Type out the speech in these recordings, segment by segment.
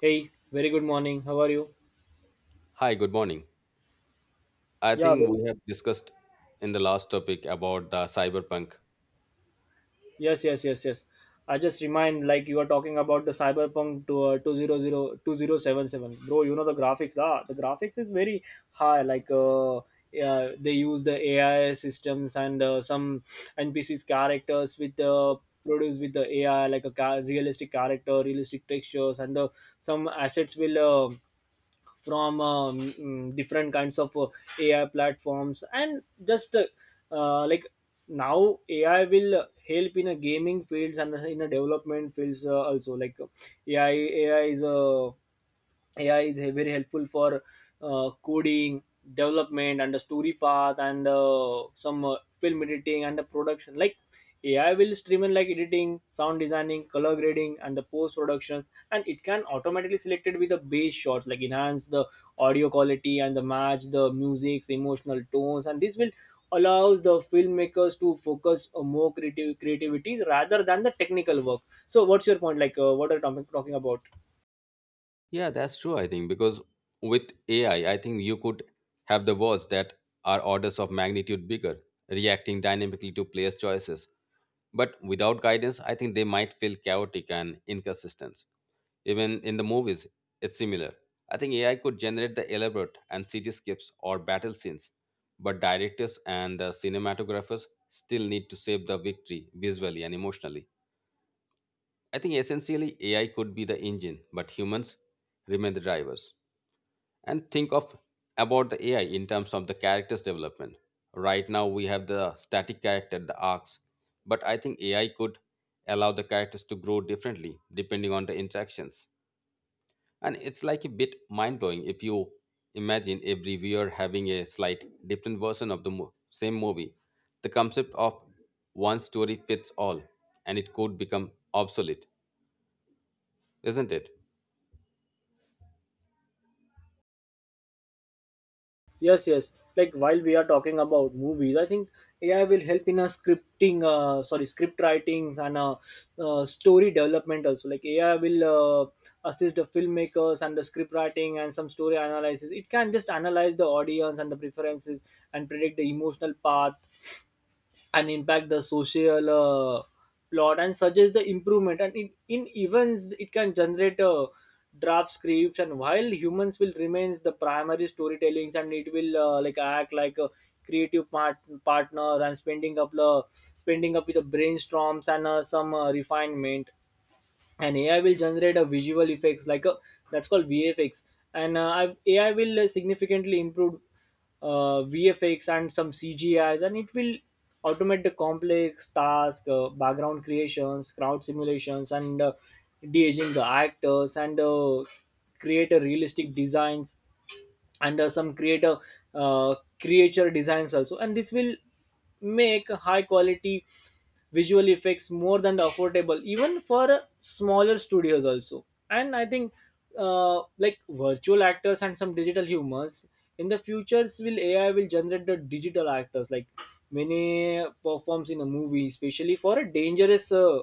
Hey, very good morning. How are you? Hi, good morning. I Yeah, think very. we have discussed in the last topic about the cyberpunk. Yes, yes, yes, yes. I just remind like you are talking about the Cyberpunk to, 200. Bro, you know the graphics. The graphics is very high. Like yeah, they use the AI systems and some NPCs characters with the produced with the AI like a realistic character, realistic textures, and some assets will. From different kinds of AI platforms and just like now AI will help in a gaming fields and in a development fields also like AI AI is a AI is very helpful for coding, development, and the story path, and some film editing and the production. Like AI will streamline like editing, sound designing, color grading, and the post productions, and it can automatically select it with the base shots, like enhance the audio quality and the match the music's emotional tones, and this will allows the filmmakers to focus on more creative creativity rather than the technical work. So, what's your point? What are you talking about? Yeah, that's true, I think, because with AI, I think you could have the worlds that are orders of magnitude bigger, reacting dynamically to players' choices. But without guidance, I think they might feel chaotic and inconsistent. Even in the movies, it's similar. I think AI could generate the elaborate and cityscapes or battle scenes, but directors and the cinematographers still need to save the victory visually and emotionally. I think essentially AI could be the engine, but humans remain the drivers. And think of about the AI in terms of the characters development. Right now we have the static character, the arcs, but I think AI could allow the characters to grow differently depending on the interactions, and it's like a bit mind blowing if you imagine every viewer having a slight different version of the same movie. The concept of one story fits all, and it could become obsolete, isn't it? Yes, yes. Like while we are talking about movies, I think AI will help in a scripting, sorry, script writings and story development also. Like AI will assist the filmmakers and the script writing and some story analysis. It can just analyze the audience and the preferences and predict the emotional path and impact the social plot and suggest the improvement. And in events, it can generate draft scripts. And while humans will remains the primary storytellings, and it will like act like a creative partner and spending up with the brainstorms and some refinement and AI will generate a visual effects like a that's called VFX, and AI will significantly improve VFX and some CGIs, and it will automate the complex task, background creations, crowd simulations, and de-aging the actors, and create a realistic designs and some creator uh, creature designs also, and this will make high quality visual effects more than the affordable even for smaller studios also. And I think like virtual actors and some digital humans in the futures will AI will generate the digital actors like many performs in a movie, especially for a dangerous uh,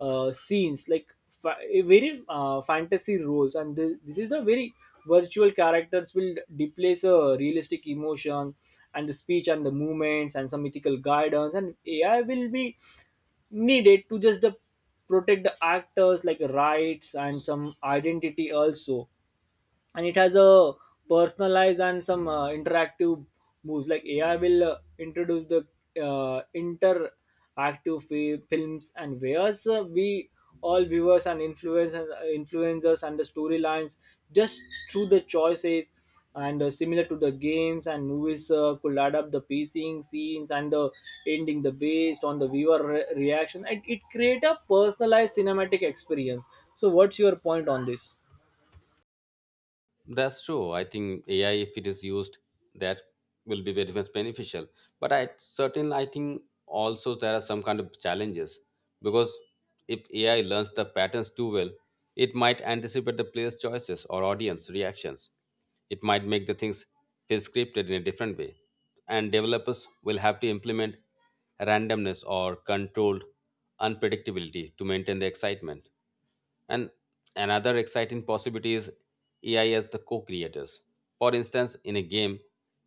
uh, scenes like very fantasy roles, and this is the very virtual characters will replace a realistic emotion and the speech and the movements and some ethical guidance, and AI will be needed to just the protect the actors like rights and some identity also. And it has a personalized and some interactive moves like AI will introduce the films, and whereas we all viewers and influencers and the storylines just through the choices, and similar to the games and movies could add up the pacing scenes and the ending the based on the reaction, and it create a personalized cinematic experience. So what's your point on this? That's true. I think AI, if it is used, that will be very much beneficial. But I think also there are some kind of challenges because if AI learns the patterns too well, it might anticipate the player's choices or audience reactions. It might make the things feel scripted in a different way, and developers will have to implement randomness or controlled unpredictability to maintain the excitement. And another exciting possibility is AI as the co creators. For instance, in a game,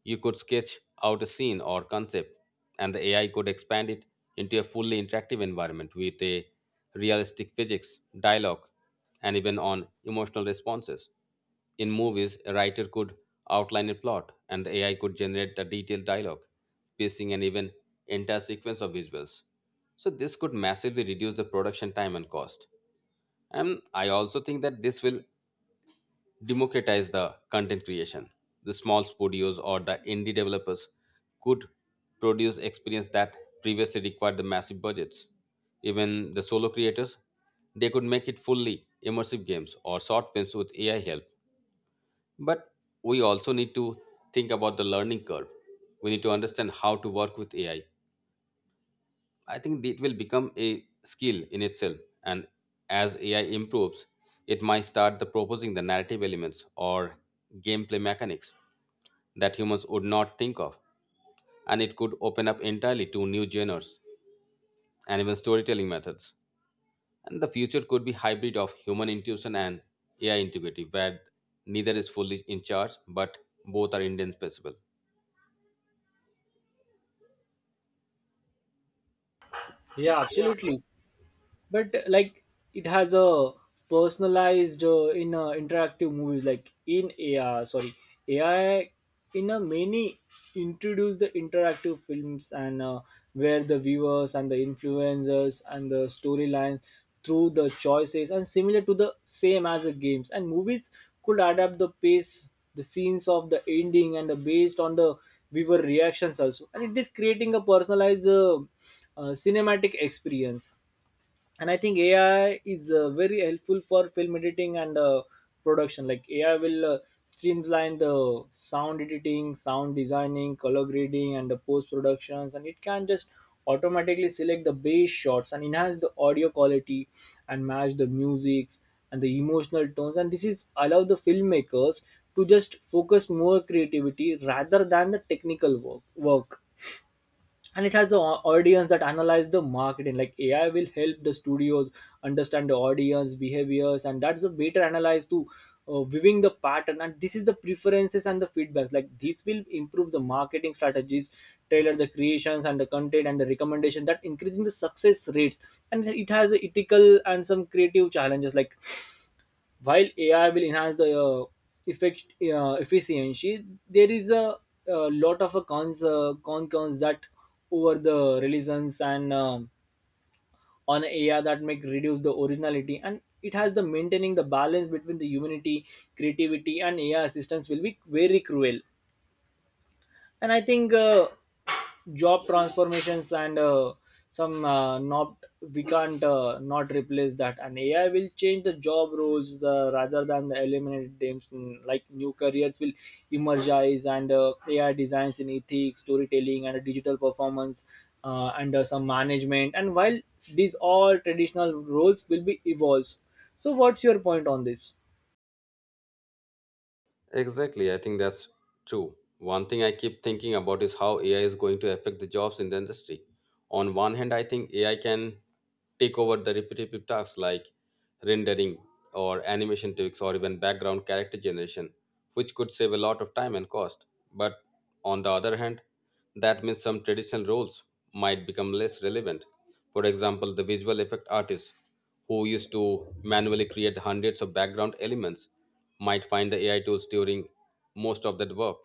you could sketch out a scene or concept, and the AI could expand it into a fully interactive environment with a realistic physics, dialogue, and even on emotional responses. In movies, a writer could outline a plot, and the AI could generate a detailed dialogue, pacing, and even entire sequence of visuals. So this could massively reduce the production time and cost. And I also think that this will democratize the content creation. The small studios or the indie developers could produce experience that previously required the massive budgets. Even the solo creators, they could make it fully immersive games or short films with AI help. But we also need to think about the learning curve. We need to understand how to work with AI. I think it will become a skill in itself. And as AI improves, it might start the proposing the narrative elements or gameplay mechanics that humans would not think of. And it could open up entirely to new genres and even storytelling methods. And the future could be hybrid of human intuition and AI integrity, where neither is fully in charge, but both are indispensable. Yeah, absolutely. But like it has a personalized in interactive movies like in AI sorry AI in a many introduce the interactive films, and where the viewers and the influencers and the storyline through the choices, and similar to the same as the games and movies, could adapt the pace the scenes of the ending and the based on the viewer reactions also, and it is creating a personalized cinematic experience. And I think AI is very helpful for film editing and production. Like AI will streamline the sound editing, sound designing, color grading, and the post productions, and it can just automatically select the bass shots and enhance the audio quality and match the musics and the emotional tones, and this is allow the filmmakers to just focus more creativity rather than the technical work work. And it has the audience that analyze the marketing. Like AI will help the studios understand the audience behaviors and that's a better analyze to viewing the pattern and this is the preferences and the feedback. Like this will improve the marketing strategies, tailor the creations and the content and the recommendation that increasing the success rates. And it has a ethical and some creative challenges. Like while AI will enhance the effect efficiency, there is a lot of a cons con cons that over the religions and on AI that make reduce the originality, and it has the maintaining the balance between the humanity, creativity, and AI assistance will be very cruel. And I think job transformations and some not we can't not replace that, and AI will change the job roles rather than the eliminate them. Mm, like new careers will emerge, and AI designs in ethics, storytelling, and digital performance and some management, and while these all traditional roles will be evolves. So what's your point on this? Exactly, I think that's true. One thing I keep thinking about is how AI is going to affect the jobs in the industry. On one hand, I think AI can take over the repetitive tasks like rendering or animation tweaks or even background character generation, which could save a lot of time and cost. But on the other hand, that means some traditional roles might become less relevant. For example, the visual effect artists who used to manually create hundreds of background elements might find the AI tools during most of that work.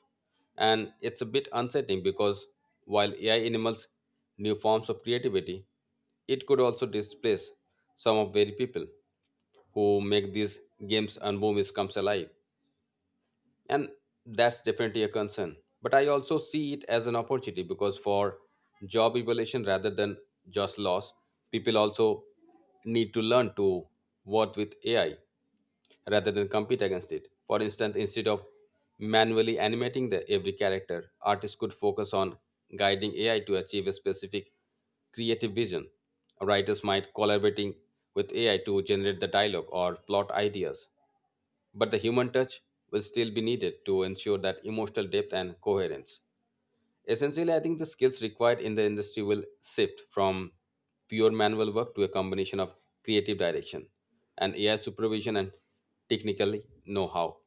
And it's a bit unsettling because while AI enables new forms of creativity, it could also displace some of very people who make these games and movies comes alive. And that's definitely a concern. But I also see it as an opportunity because for job evaluation rather than just loss, people also need to learn to work with AI rather than compete against it. For instance, instead of manually animating the every character, artists could focus on guiding AI to achieve a specific creative vision. Writers might collaborating with AI to generate the dialogue or plot ideas, but the human touch will still be needed to ensure that emotional depth and coherence. Essentially, I think the skills required in the industry will shift from pure manual work to a combination of creative direction and AI supervision and technical know-how.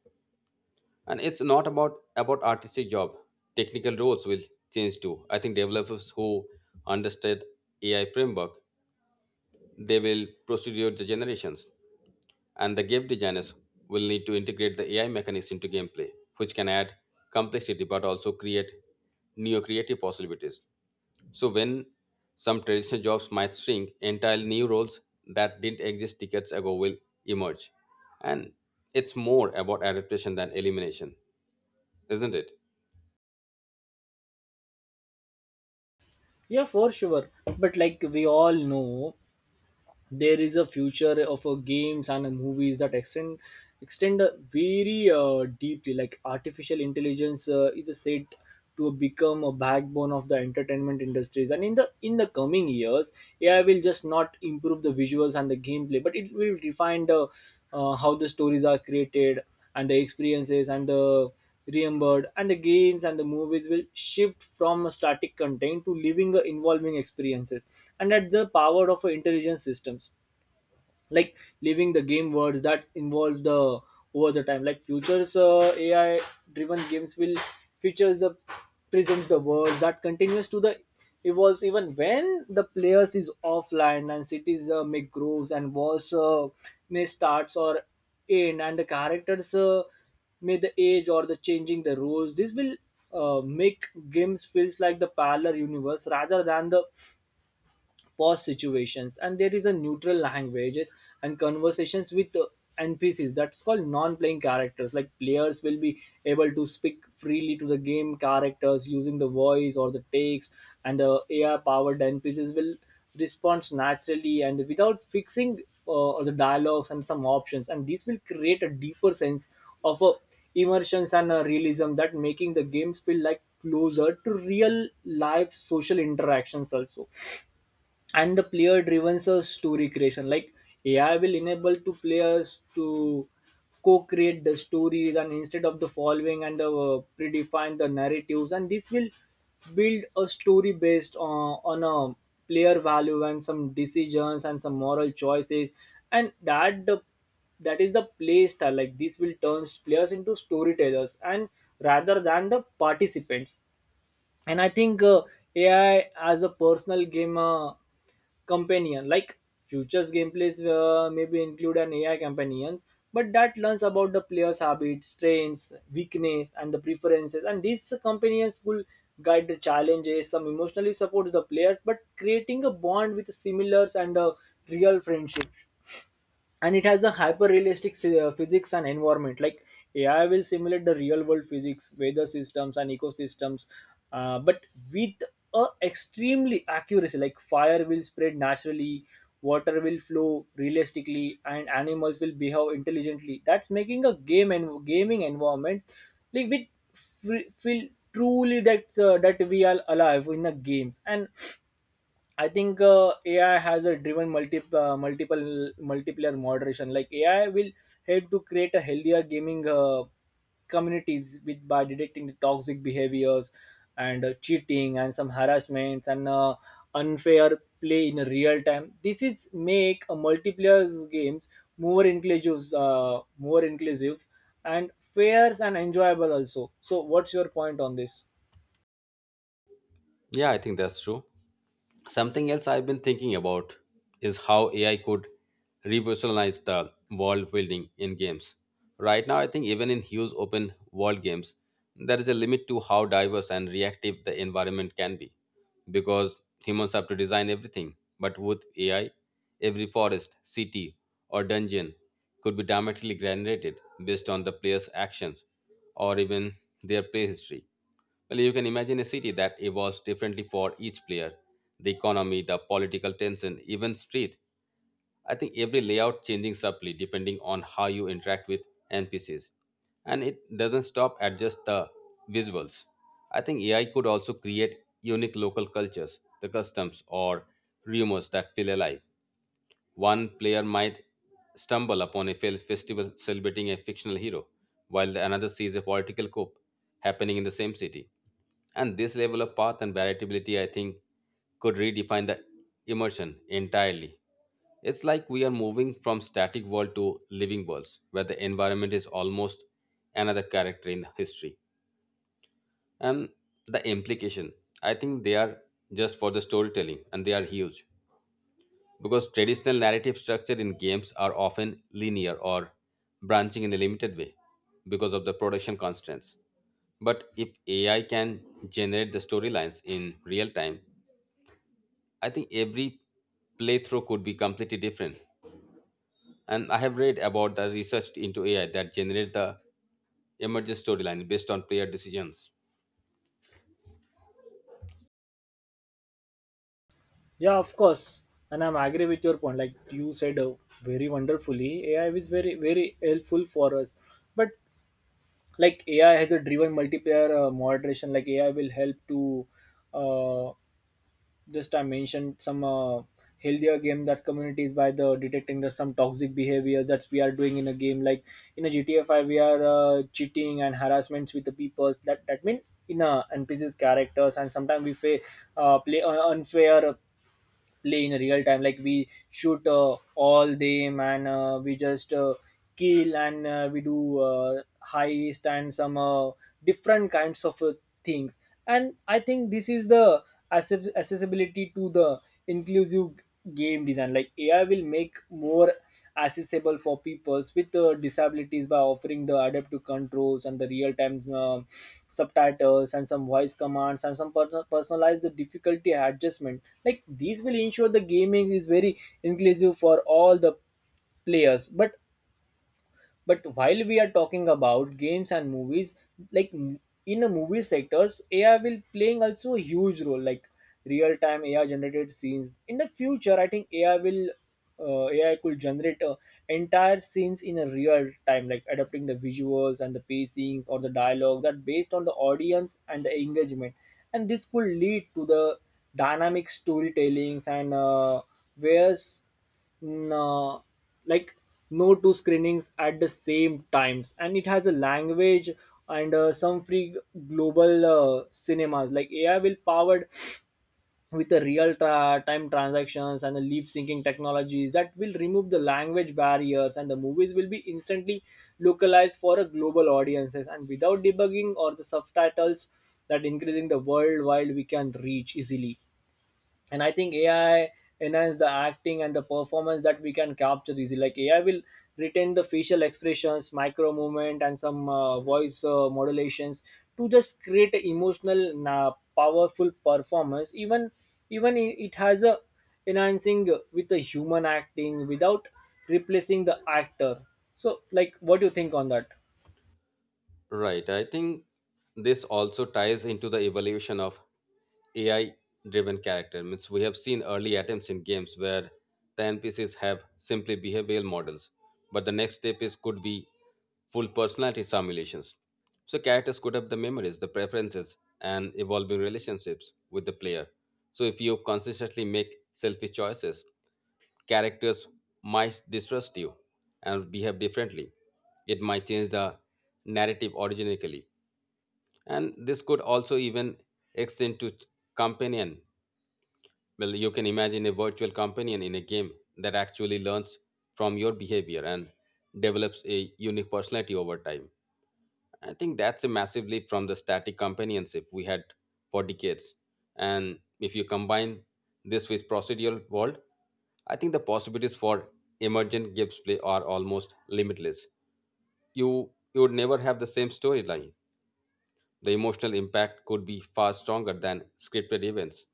And it's not about artistic job. Technical roles will change too. I think developers who understand AI framework, they will procedure the generations. And the game designers will need to integrate the AI mechanics into gameplay, which can add complexity but also create new creative possibilities. So when some traditional jobs might shrink, entirely new roles that didn't exist decades ago will emerge. And it's more about adaptation than elimination, isn't it? Yeah, for sure. But like we all know there is a future of games and movies that extend very deeply. Like artificial intelligence is said to become a backbone of the entertainment industries, and in the coming years AI will just not improve the visuals and the gameplay, but it will define the how the stories are created and the experiences and the remembered, and the games and the movies will shift from a static content to living, involving experiences. And that's the power of intelligent systems like leaving the game words that involve the over the time. Like futures AI driven games will features the presents the words that continues to the evolves even when the players is offline, and cities make grooves and wars may starts or end, and the characters may the age or the changing the rules. This will make games feels like the parallel universe rather than the pause situations, and there is a neutral languages and conversations with NPCs. That's called non-playing characters. Like players will be able to speak freely to the game characters using the voice or the text, and the AI-powered NPCs will respond naturally and without fixing the dialogues and some options. And this will create a deeper sense of a immersions and realism that making the games feel like closer to real life social interactions also. And the player driven serves story creation. Like AI will enable to players to co-create the stories, and instead of the following and the predefined the narratives, and this will build a story based on a player value and some decisions and some moral choices, and that is the play style. Like this will turn players into storytellers and rather than the participants. And I think AI as a personal game companion. Like futures gameplays maybe include an AI companions but that learns about the player's habits, strengths, weakness, and the preferences, and these companions will guide the challenges, some emotionally support the players, but creating a bond with similars and a real friendship. And it has a hyper realistic physics and environment. Like AI will simulate the real world physics, weather systems, and ecosystems, but with a extremely accuracy. Like fire will spread naturally, water will flow realistically, and animals will behave intelligently, that's making a game and gaming environment like with feel truly that that we are alive in the games. And I think AI has a driven multi- multiple multiplayer moderation. Like AI will help to create a healthier gaming communities with by detecting the toxic behaviors and cheating and some harassments and unfair play in real time. This is make a multiplayer games more inclusive, and fair and enjoyable also. So, what's your point on this? Yeah, I think that's true. Something else I've been thinking about is how AI could revolutionize the world building in games. Right now, I think even in huge open world games, there is a limit to how diverse and reactive the environment can be because humans have to design everything. But with AI, every forest, city, or dungeon could be dramatically generated based on the player's actions or even their play history. Well, you can imagine a city that evolves differently for each player, the economy, the political tension, even street. I think every layout changing subtly depending on how you interact with NPCs. And it doesn't stop at just the visuals. I think AI could also create unique local cultures, the customs or rumors that feel alive. One player might stumble upon a festival celebrating a fictional hero, while another sees a political coup happening in the same city. And this level of path and variability, I think, could redefine the immersion entirely. It's like we are moving from static world to living worlds, where the environment is almost another character in history. And the implication, I think they are just for the storytelling, and they are huge because traditional narrative structure in games are often linear or branching in a limited way because of the production constraints. But if AI can generate the storylines in real time, I think every playthrough could be completely different. And I have read about the research into AI that generate the emergent storyline based on player decisions. Yeah, of course. And I'm agree with your point. Like you said very wonderfully, AI is very, very helpful for us. But like AI has a driven multiplier moderation, like AI will help to uh, just I mentioned some healthier game that communities by the detecting the some toxic behaviors that we are doing in a game. Like in a GTA 5, we are cheating and harassments with the people. That that mean in a NPC's characters, and sometimes we play unfair play in real time. Like we shoot all them, and we just kill, and we do heist and some different kinds of things. And I think this is the accessibility to the inclusive game design. Like AI will make more accessible for peoples with disabilities by offering the adaptive controls and the real-time subtitles and some voice commands and some personalized the difficulty adjustment. Like these will ensure the gaming is very inclusive for all the players, but while we are talking about games and movies, like m- in the movie sectors AI will playing also a huge role. Like real time AI generated scenes in the future, I think AI will AI could generate entire scenes in a real time, like adapting the visuals and the pacings or the dialogue that based on the audience and the engagement. And this could lead to the dynamic storytellings and where's no, like no two screenings at the same times, and it has a language and some free global cinemas. Like AI will powered with the time transactions and the lip syncing technologies that will remove the language barriers, and the movies will be instantly localized for a global audiences and without debugging or the subtitles, that increasing the worldwide we can reach easily. And I think AI enhance the acting and the performance that we can capture easily. Like AI will retain the facial expressions, micro movement, and some voice modulations to just create a emotional na powerful performance. Even it has a enhancing with the human acting without replacing the actor. So like what do you think on that? Right. I think this also ties into the evolution of AI driven character. Means we have seen early attempts in games where the NPCs have simply behavioral models, but the next step is could be full personality simulations. So characters could have the memories, the preferences, and evolving relationships with the player. So if you consistently make selfish choices, characters might distrust you and behave differently. It might change the narrative originally, and this could also even extend to companion. Well, you can imagine a virtual companion in a game that actually learns from your behavior and develops a unique personality over time. I think that's a massive leap from the static companionship we had for decades. And if you combine this with procedural world, I think the possibilities for emergent gameplay are almost limitless. You would never have the same storyline. The emotional impact could be far stronger than scripted events.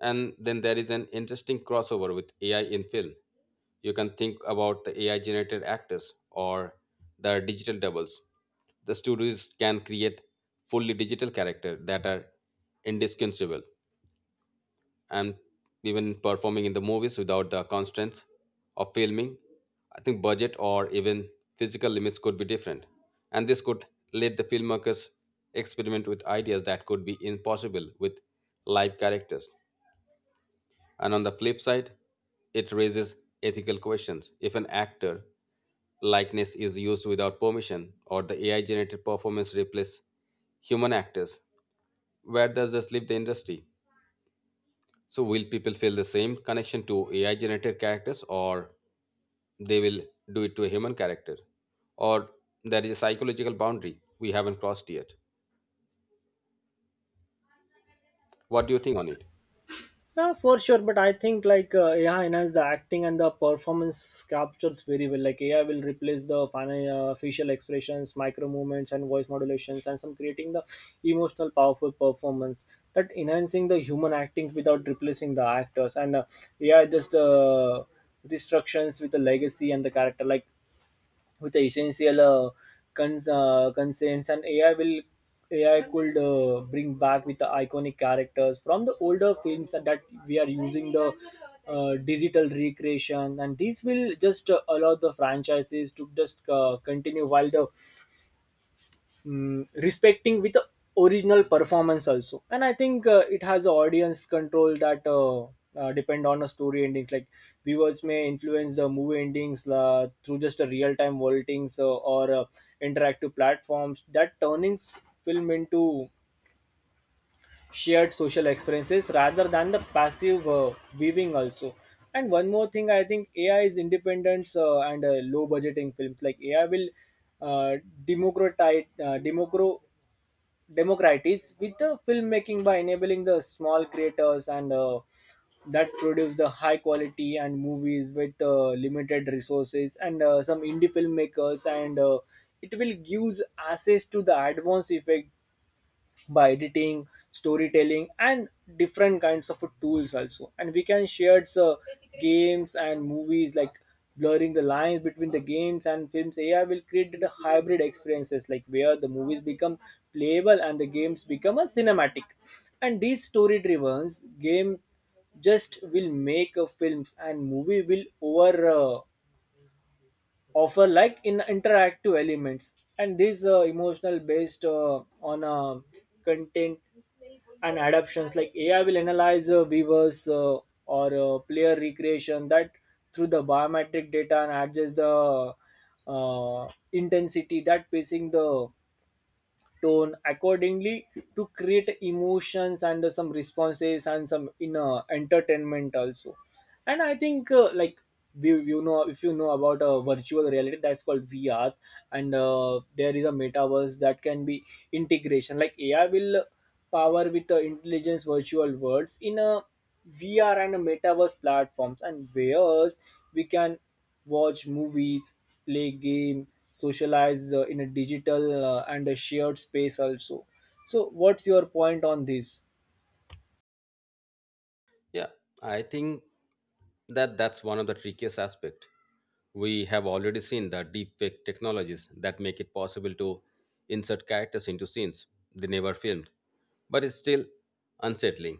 And then there is an interesting crossover with AI in film. You can think about the AI generated actors or the digital doubles. The studios can create fully digital characters that are indistinguishable and even performing in the movies without the constraints of filming. I think budget or even physical limits could be different. And this could let the filmmakers experiment with ideas that could be impossible with live characters. And on the flip side, it raises ethical questions. If an actor likeness is used without permission or the AI generated performance replace human actors, where does this leave the industry? So will people feel the same connection to AI generated characters or they will do it to a human character? Or there is a psychological boundary we haven't crossed yet. What do you think on it? Yeah, for sure. But I think like AI enhance the acting and the performance captures very well. Like AI will replace the facial expressions, micro movements, and voice modulations, and some creating the emotional, powerful performance that enhancing the human acting without replacing the actors. And AI just restrictions with the legacy and the character. Like with the essential constraints, and AI could bring back with the iconic characters from the older films that we are using the digital recreation. And this will just allow the franchises to just continue while the respecting with the original performance also. And I think it has a audience control that depend on a story endings. Like viewers may influence the movie endings through just a real time voltings or interactive platforms that turnings film into shared social experiences rather than the passive viewing also. And one more thing, I think AI is independence and low budgeting films. Like AI will uh, democratize uh, democro democratize with the filmmaking by enabling the small creators and that produce the high quality and movies with limited resources and some indie filmmakers, and it will gives access to the advanced effect by editing, storytelling, and different kinds of tools also. And we can share games and movies, like blurring the lines between the games and films. AI will create the hybrid experiences, like where the movies become playable and the games become a cinematic. And these story-driven game just will make a films and movie will over. Offer like in interactive elements and these emotional based on content and adaptations. Like AI will analyze viewers or player recreation that through the biometric data and adjust the intensity that pacing the tone accordingly to create emotions and some responses and some inner entertainment also. And I think like we, you know if you know about a virtual reality, that's called VR. And there is a metaverse that can be integration. Like AI will power with the intelligence virtual worlds in a VR and a metaverse platforms, and whereas we can watch movies, play game, socialize in a digital and a shared space also. So what's your point on this? Yeah, I think that's one of the trickiest aspect. We have already seen the deepfake technologies that make it possible to insert characters into scenes they never filmed, but it's still unsettling.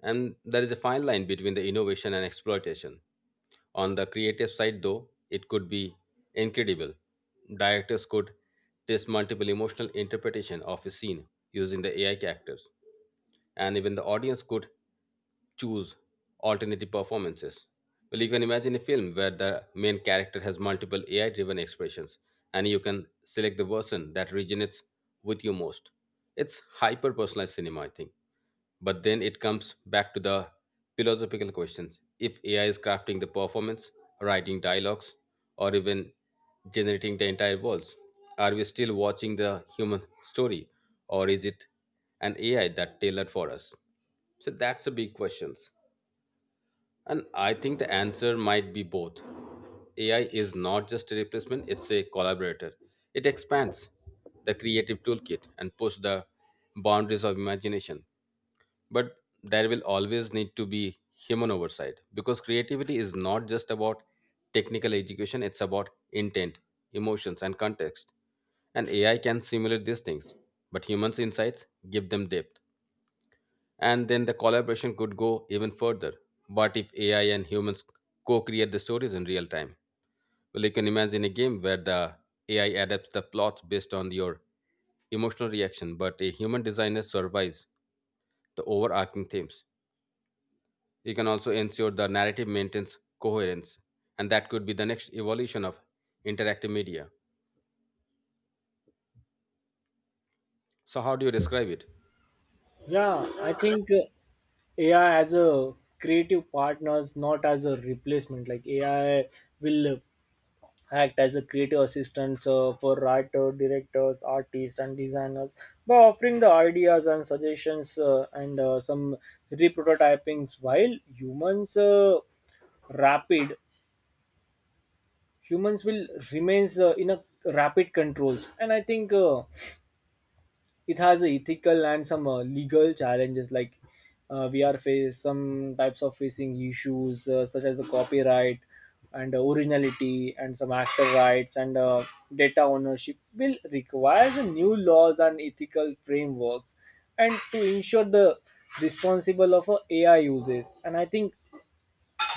And there is a fine line between the innovation and exploitation. On the creative side, though, it could be incredible. Directors could test multiple emotional interpretation of a scene using the AI characters and even the audience could choose alternative performances. Well, you can imagine a film where the main character has multiple AI driven expressions and you can select the version that resonates with you most. It's hyper personalized cinema, I think. But then it comes back to the philosophical questions. If AI is crafting the performance, writing dialogues, or even generating the entire worlds, are we still watching the human story or is it an AI that tailored for us? So that's the big questions. And I think the answer might be both. AI is not just a replacement, it's a collaborator. It expands the creative toolkit and pushes the boundaries of imagination, but there will always need to be human oversight because creativity is not just about technical education. It's about intent, emotions, and context. And AI can simulate these things, but humans insights give them depth. And then the collaboration could go even further. But if AI and humans co-create the stories in real time, well, you can imagine a game where the AI adapts the plots based on your emotional reaction, but a human designer surveys the overarching themes. You can also ensure the narrative maintains coherence, and that could be the next evolution of interactive media. So, how do you describe it? Yeah, I think AI as a creative partners, not as a replacement. Like AI will act as a creative assistants for writers, directors, artists, and designers by offering the ideas and suggestions and some reprototypings. While rapid humans will remains in a rapid controls, and I think. It has a ethical and some legal challenges. Like we are face some types of facing issues such as the copyright and originality and some actor rights and data ownership will require the new laws and ethical frameworks and to ensure the responsible of AI uses. And I think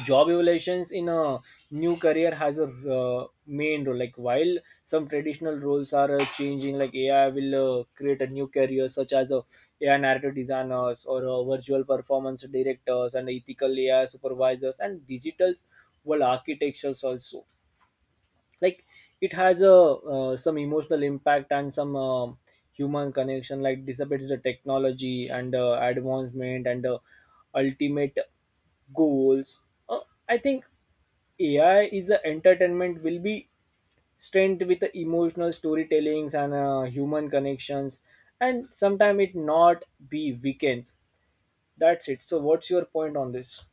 job evaluations in a new career has a main role. Like while some traditional roles are changing, like AI will create a new career such as AI narrative designers or virtual performance directors and ethical AI supervisors and digitals well architectures also. Like it has a some emotional impact and some human connection, like dissipates the technology and advancement and ultimate goals. uh, I think AI is the entertainment will be strength with the emotional storytellings and human connections, and sometimes it not be weekends. That's it. So what's your point on this?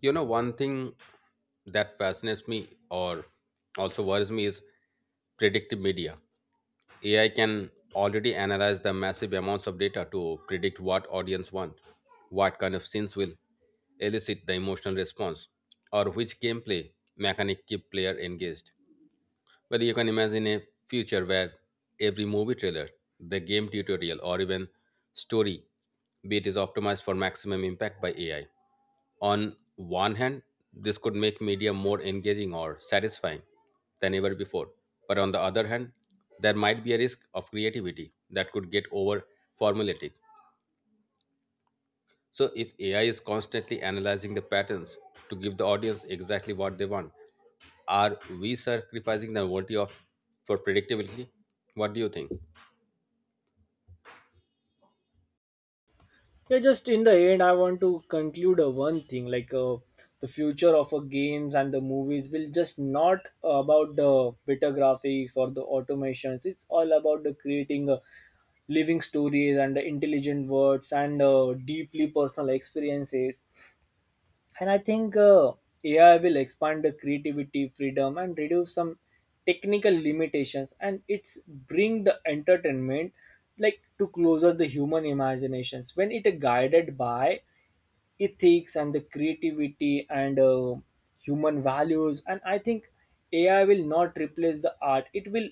You know, one thing that fascinates me or also worries me is predictive media. AI can already analyze the massive amounts of data to predict what audience want, what kind of scenes will elicit the emotional response, or which gameplay mechanic keep player engaged. Well, you can imagine a future where every movie trailer, the game tutorial, or even story beat is optimized for maximum impact by AI. On one hand, this could make media more engaging or satisfying than ever before. But on the other hand, there might be a risk of creativity that could get over formulaic. So, if AI is constantly analyzing the patterns to give the audience exactly what they want, are we sacrificing the novelty of for predictability? What do you think? Yeah, just in the end, I want to conclude one thing, like the future of games and the movies will just not about the better graphics or the automations. It's all about the creating living stories and the intelligent words and deeply personal experiences. And I think AI will expand the creativity freedom and reduce some technical limitations, and it's bring the entertainment like to closer the human imaginations when it guided by ethics and the creativity and human values. And I think AI will not replace the art, it will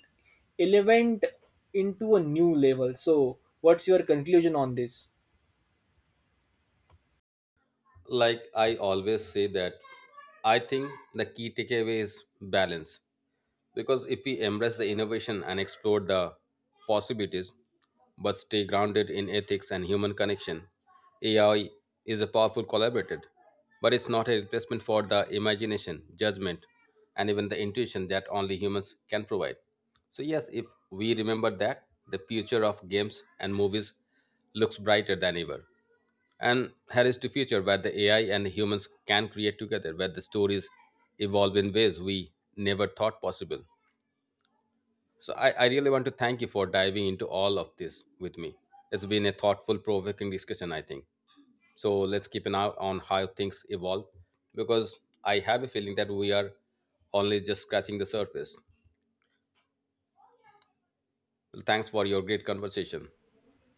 elevate into a new level. So what's your conclusion on this? Like I always say that I think the key takeaway is balance. Because if we embrace the innovation and explore the possibilities, but stay grounded in ethics and human connection, AI is a powerful collaborator, but it's not a replacement for the imagination, judgment, and even the intuition that only humans can provide. So, yes, if we remember that, the future of games and movies looks brighter than ever. And here is the future where the AI and humans can create together, where the stories evolve in ways we never thought possible. So I really want to thank you for diving into all of this with me. It's been a thoughtful, provoking discussion, I think. So let's keep an eye on how things evolve because I have a feeling that we are only just scratching the surface. Well, thanks for your great conversation.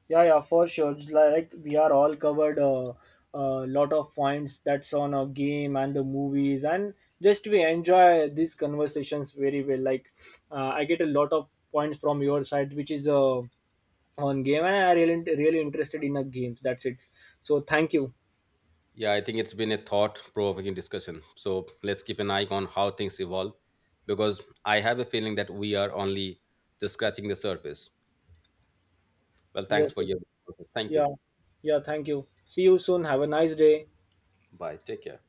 Yeah, yeah, for sure. It's like we are all covered a uh, lot of points that's on a game and the movies, and just we enjoy these conversations very well. Like I get a lot of points from your side, which is on game, and I really really interested in the games. That's it. So thank you. Yeah, I think it's been a thought provoking discussion. So let's keep an eye on how things evolve because I have a feeling that we are only just scratching the surface. Well, thanks Yes, for yes. your. Thank Yeah. you. Yeah, thank you. See you soon. Have a nice day. Bye. Take care.